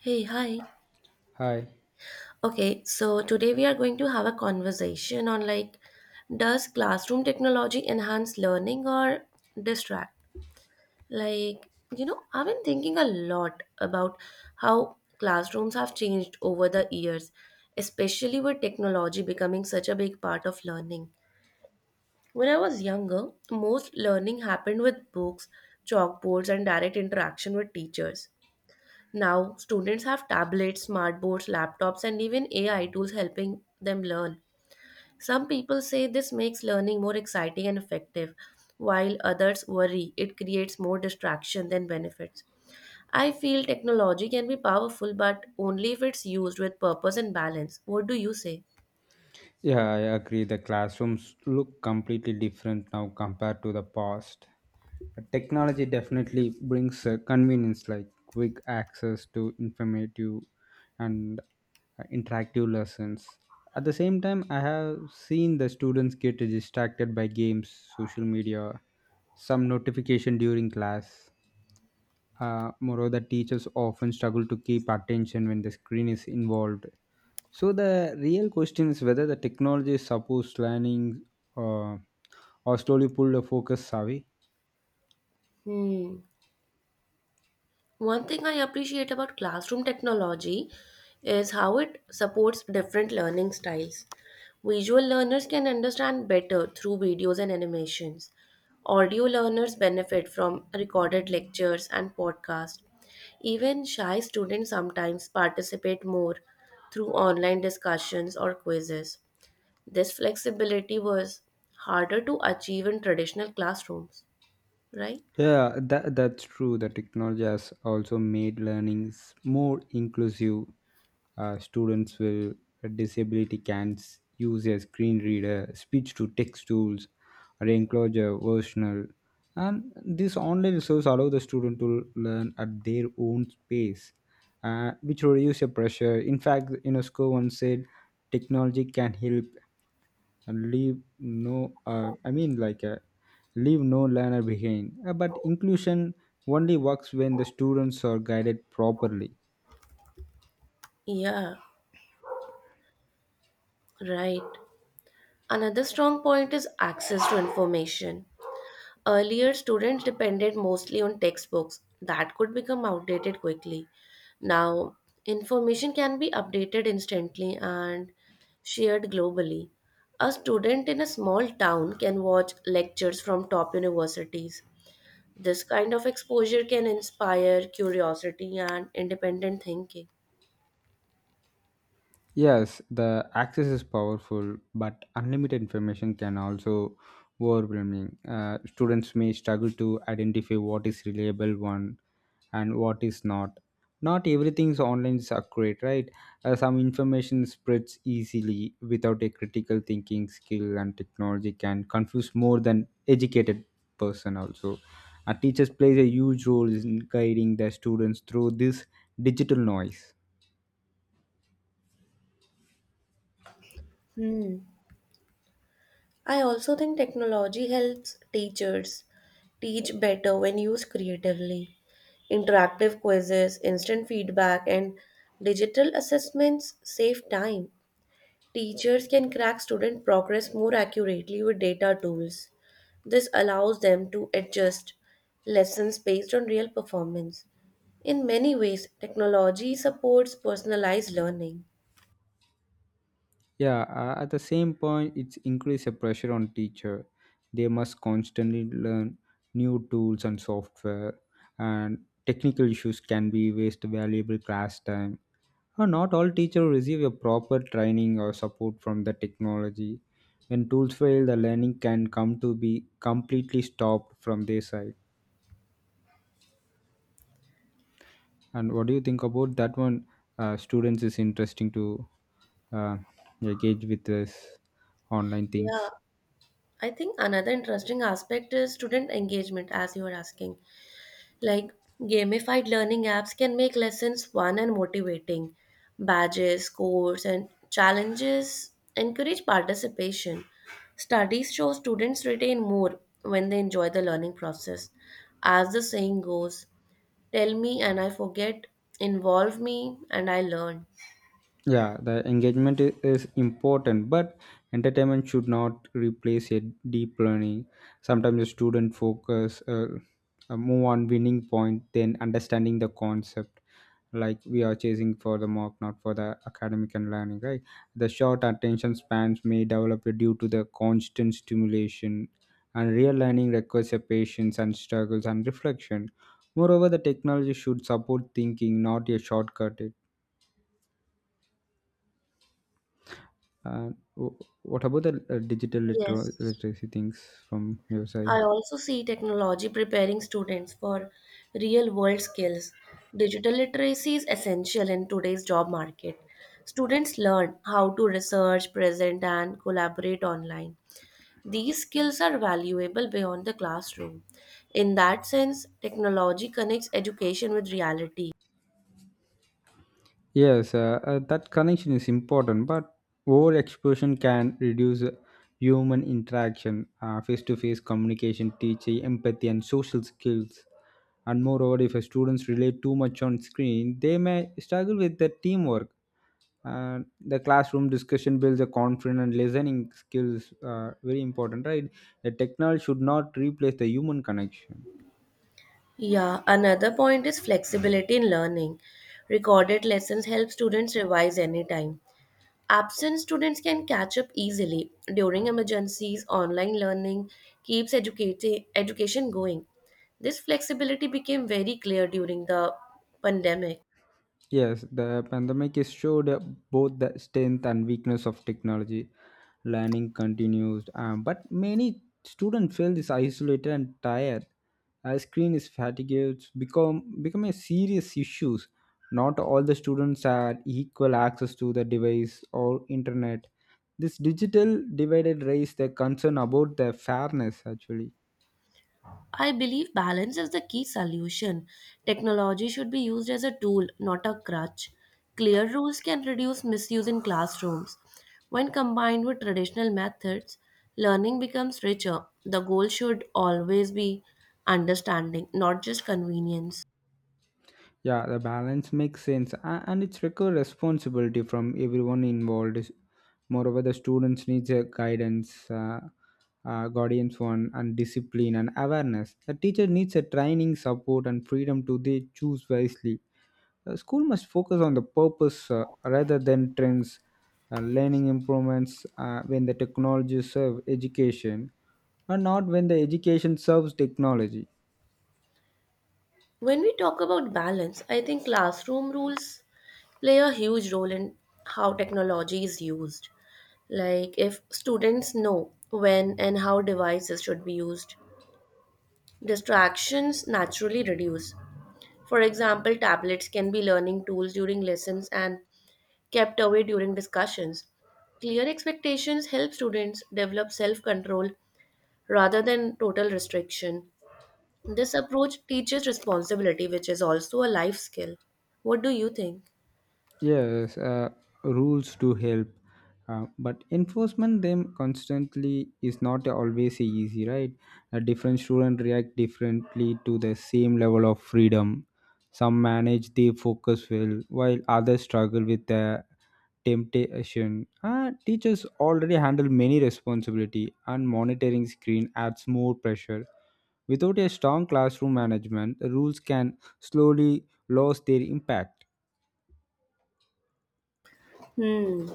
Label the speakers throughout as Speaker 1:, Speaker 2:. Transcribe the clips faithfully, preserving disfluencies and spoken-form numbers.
Speaker 1: Hey, hi.
Speaker 2: Hi.
Speaker 1: Okay, so today we are going to have a conversation on like, does classroom technology enhance learning or distract? Like, you know, I've been thinking a lot about how classrooms have changed over the years, especially with technology becoming such a big part of learning. When I was younger, most learning happened with books, chalkboards, and direct interaction with teachers. Now, students have tablets, smartboards, laptops, and even A I tools helping them learn. Some people say this makes learning more exciting and effective, while others worry it creates more distraction than benefits. I feel technology can be powerful, but only if it's used with purpose and balance. What do you say?
Speaker 2: Yeah, I agree. The classrooms look completely different now compared to the past. Technology definitely brings uh, convenience like quick access to informative and uh, interactive lessons. At the same time, I have seen the students get distracted by games, social media, some notification during class. Uh, moreover, teachers often struggle to keep attention when the screen is involved. So the real question is whether the technology supports learning uh, or slowly pull the focus away.
Speaker 1: Hmm. One thing I appreciate about classroom technology is how it supports different learning styles. Visual learners can understand better through videos and animations. Audio learners benefit from recorded lectures and podcasts. Even shy students sometimes participate more through online discussions or quizzes. This flexibility was harder to achieve in traditional classrooms, right?
Speaker 2: Yeah, that that's true. The technology has also made learnings more inclusive. Uh, students with a disability can s- use a screen reader, speech to text tools, or enclosure versional. And this online resource allow the student to learn at their own pace, uh, which reduce the pressure. In fact, UNESCO once said technology can help and leave no uh, i mean like uh, leave no learner behind. Uh, but inclusion only works when the students are guided properly.
Speaker 1: Yeah, right. Another strong point is access to information. Earlier, students depended mostly on textbooks that could become outdated quickly. Now, information can be updated instantly and shared globally. A student in a small town can watch lectures from top universities. This kind of exposure can inspire curiosity and independent thinking.
Speaker 2: Yes, the access is powerful, but unlimited information can also overwhelming. Uh, students may struggle to identify what is reliable one and what is not. Not everything is online is accurate, right? Uh, some information spreads easily without a critical thinking skill, and technology can confuse more than educated person also. And teachers plays a huge role in guiding their students through this digital noise.
Speaker 1: Hmm. I also think technology helps teachers teach better when used creatively. Interactive quizzes, instant feedback, and digital assessments save time. Teachers can track student progress more accurately with data tools. This allows them to adjust lessons based on real performance. In many ways, technology supports personalized learning.
Speaker 2: Yeah, uh, at the same point, it's increase the pressure on teacher. They must constantly learn new tools and software, and technical issues can be waste valuable class time. Uh, not all teachers receive a proper training or support from the technology. When tools fail, the learning can come to be completely stopped from their side. And what do you think about that one? Uh, students is interesting to uh, engage with this online
Speaker 1: Yeah,
Speaker 2: things.
Speaker 1: I think another interesting aspect is student engagement, as you were asking. Like gamified learning apps can make lessons fun and motivating. Badges, scores, and challenges encourage participation. Studies show students retain more when they enjoy the learning process. As the saying goes, tell me and I forget, involve me and I learn.
Speaker 2: Yeah, the engagement i- is important, but entertainment should not replace a deep learning. Sometimes the student focus uh, uh, move on winning point, than understanding the concept. Like we are chasing for the mark, not for the academic and learning, right? The short attention spans may develop due to the constant stimulation, and real learning requires a patience and struggles and reflection. Moreover, the technology should support thinking, not a shortcut. And w- what about the uh, digital litera-
Speaker 1: Yes.
Speaker 2: literacy things from your
Speaker 1: I
Speaker 2: side?
Speaker 1: also see technology preparing students for real world skills. Digital literacy is essential in today's job market. Students learn how to research, present, and collaborate online. These skills are valuable beyond the classroom. In that sense, technology connects education with reality.
Speaker 2: Yes, uh, uh, that connection is important, but overexposure can reduce uh, human interaction, face to face communication, teaching, empathy, and social skills. And moreover, if a students rely too much on screen, they may struggle with the teamwork. And the classroom discussion builds a confident and listening skills. Uh, very important, right? The technology should not replace the human connection.
Speaker 1: Yeah, another point is flexibility in learning. Recorded lessons help students revise anytime. Absent students can catch up easily during emergencies. Online learning keeps educati- education going. This flexibility became very clear during the pandemic.
Speaker 2: Yes, the pandemic has showed uh, both the strength and weakness of technology. Learning continues, um, but many students feel this isolated and tired. Uh, screen is fatigued, become become a serious issues. Not all the students had equal access to the device or internet. This digital divided raised the concern about the fairness actually.
Speaker 1: I believe balance is the key solution. Technology should be used as a tool, not a crutch. Clear rules can reduce misuse in classrooms. When combined with traditional methods, learning becomes richer. The goal should always be understanding, not just convenience.
Speaker 2: Yeah, the balance makes sense, a- and it's require responsibility from everyone involved. Moreover, the students need a guidance, uh, uh, guardians one, and discipline and awareness. The teacher needs a training, support, and freedom to they choose wisely. The school must focus on the purpose uh, rather than trends. Uh, learning improvements uh, when the technology serve education, and not when the education serves technology.
Speaker 1: When we talk about balance, I think classroom rules play a huge role in how technology is used. Like, if students know when and how devices should be used, distractions naturally reduce. For example, tablets can be learning tools during lessons and kept away during discussions. Clear expectations help students develop self control rather than total restriction. This approach teaches responsibility, which is also a life skill. What do you think?
Speaker 2: Yes, uh, rules do help, uh, but enforcement them constantly is not always easy, right? A different student react differently to the same level of freedom. Some manage their focus well, while others struggle with the temptation. Uh, teachers already handle many responsibility, and monitoring screen adds more pressure. Without a strong classroom management, the rules can slowly lose their impact.
Speaker 1: Hmm,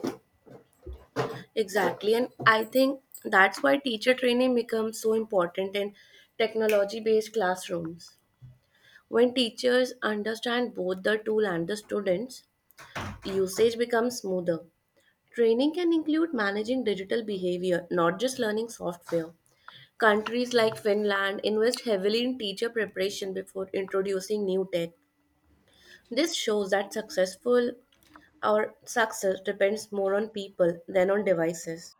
Speaker 1: exactly. And I think that's why teacher training becomes so important in technology based classrooms. When teachers understand both the tool and the students, usage becomes smoother. Training can include managing digital behavior, not just learning software. Countries like Finland invest heavily in teacher preparation before introducing new tech. This shows that successful Our success depends more on people than on devices.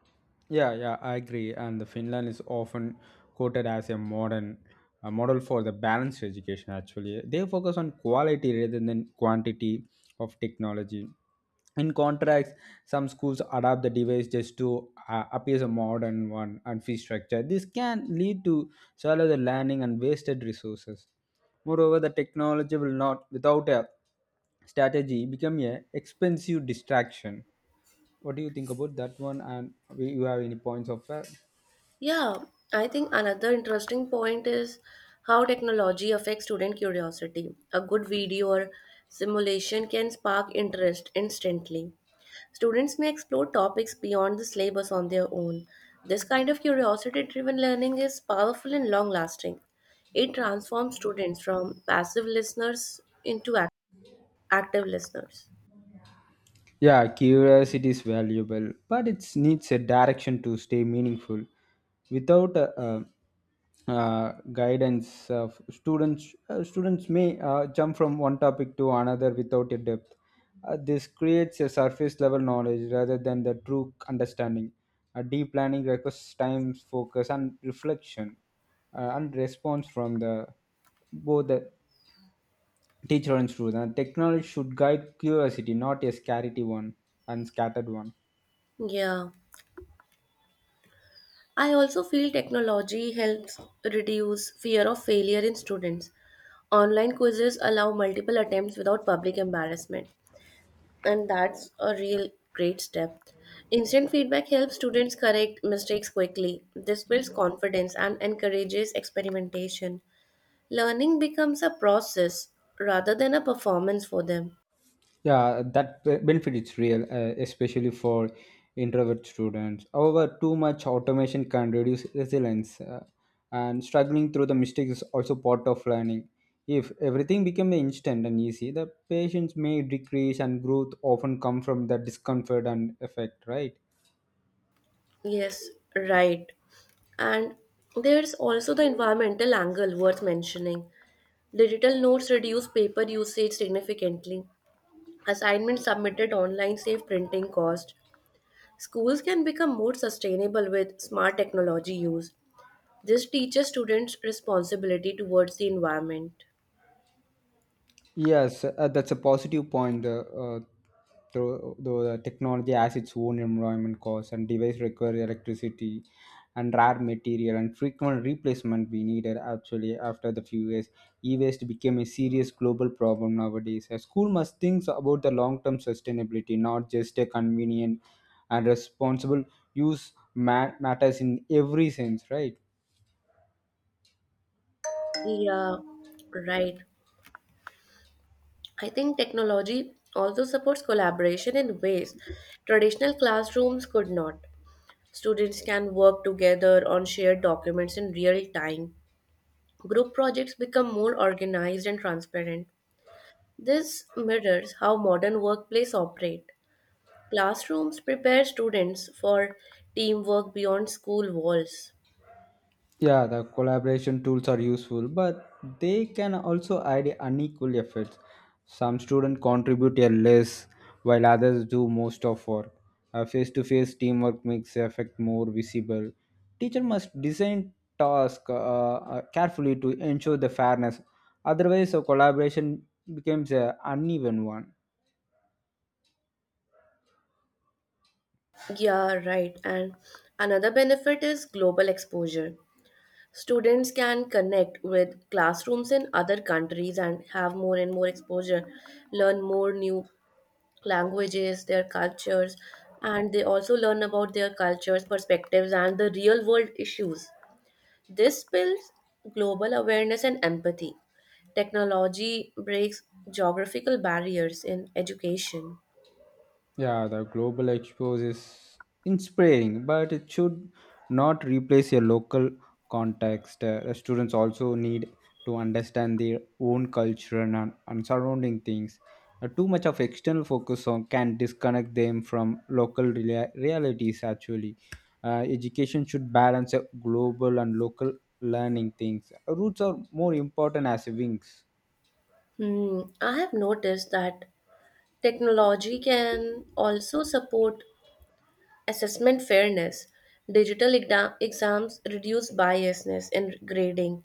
Speaker 2: Yeah, yeah, I agree. And the Finland is often quoted as a modern a model for the balanced education. Actually, they focus on quality rather than quantity of technology. In contrast, some schools adapt the device just to uh, appear a modern one and fee structure. This can lead to shallow the learning and wasted resources. Moreover, the technology will not, without a strategy, become a expensive distraction. What do you think about that one? And we- you have any points of that?
Speaker 1: Yeah, I think another interesting point is how technology affects student curiosity. A good video or simulation can spark interest instantly. Students may explore topics beyond the syllabus on their own. This kind of curiosity driven learning is powerful and long lasting. It transforms students from passive listeners into ac- active listeners.
Speaker 2: Yeah, curiosity is valuable, but it needs a direction to stay meaningful. Without a, uh uh, guidance, uh, students uh, students may uh, jump from one topic to another without a depth. Uh, this creates a surface level knowledge rather than the true understanding. A deep planning requires time, focus, and reflection, uh, and response from the both the teacher and student. Technology should guide curiosity, not a scarcity one and scattered one.
Speaker 1: Yeah. I also feel technology helps reduce fear of failure in students. Online quizzes allow multiple attempts without public embarrassment, and that's a real great step. Instant feedback helps students correct mistakes quickly. This builds confidence and encourages experimentation. Learning becomes a process rather than a performance for them.
Speaker 2: Yeah, that be- benefit is real, uh, especially for introvert students. However, too much automation can reduce resilience, uh, and struggling through the mistakes is also part of learning. If everything became instant and easy, the patience may decrease, and growth often come from the discomfort and effect, right?
Speaker 1: Yes, right. And there's also the environmental angle worth mentioning. Digital notes reduce paper usage significantly. Assignments submitted online save printing cost. Schools can become more sustainable with smart technology use. This teaches students responsibility towards the environment.
Speaker 2: Yes, uh, that's a positive point. Uh, uh, though, though the technology has its own environment costs and device require electricity and rare material and frequent replacement we needed actually after the few years. E-waste became a serious global problem nowadays. A school must think about the long-term sustainability, not just a convenient and responsible use ma- matters in every sense, right?
Speaker 1: Yeah, right. I think technology also supports collaboration in ways traditional classrooms could not. Students can work together on shared documents in real time. Group projects become more organized and transparent. This mirrors how modern workplaces operate. Classrooms prepare students for teamwork beyond school walls.
Speaker 2: Yeah, the collaboration tools are useful, but they can also add unequal efforts. Some students contribute a less, while others do most of work. A face-to-face teamwork makes the effect more visible. Teacher must design tasks uh, uh, carefully to ensure the fairness. Otherwise, a collaboration becomes an uneven one.
Speaker 1: Yeah, right. And another benefit is global exposure. Students can connect with classrooms in other countries and have more and more exposure, learn more new languages, their cultures, and they also learn about their cultures, perspectives, and the real world issues. This builds global awareness and empathy. Technology breaks geographical barriers in education.
Speaker 2: Yeah, the global expos is inspiring, but it should not replace your local context. Uh, the students also need to understand their own culture and, and and surrounding things. Uh, too much of external focus on can disconnect them from local rea- realities. Actually, uh, education should balance uh, global and local learning things. Roots are more important as wings.
Speaker 1: Hmm, I have noticed that technology can also support assessment fairness. Digital exa- exams reduce biasness in grading.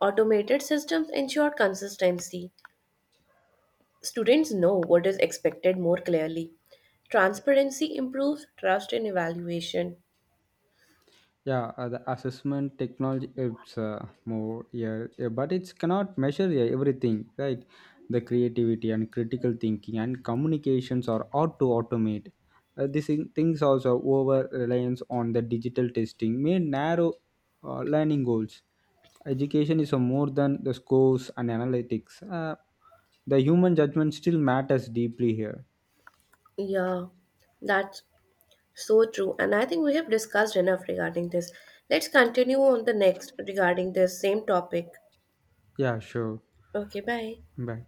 Speaker 1: Automated systems ensure consistency. Students know what is expected more clearly. Transparency improves trust in evaluation.
Speaker 2: Yeah, uh, the assessment technology it's uh, more yeah, yeah, but it cannot measure yeah, everything, right? The creativity and critical thinking and communications are ought to automate. Uh, these thing- things also over reliance on the digital testing may narrow uh, learning goals. Education is uh, more than the scores and analytics. Uh, the human judgment still matters deeply here.
Speaker 1: Yeah, that's So true. And I think we have discussed enough regarding this. Let's continue on the next regarding this same topic.
Speaker 2: Yeah, sure.
Speaker 1: Okay, bye.
Speaker 2: Bye.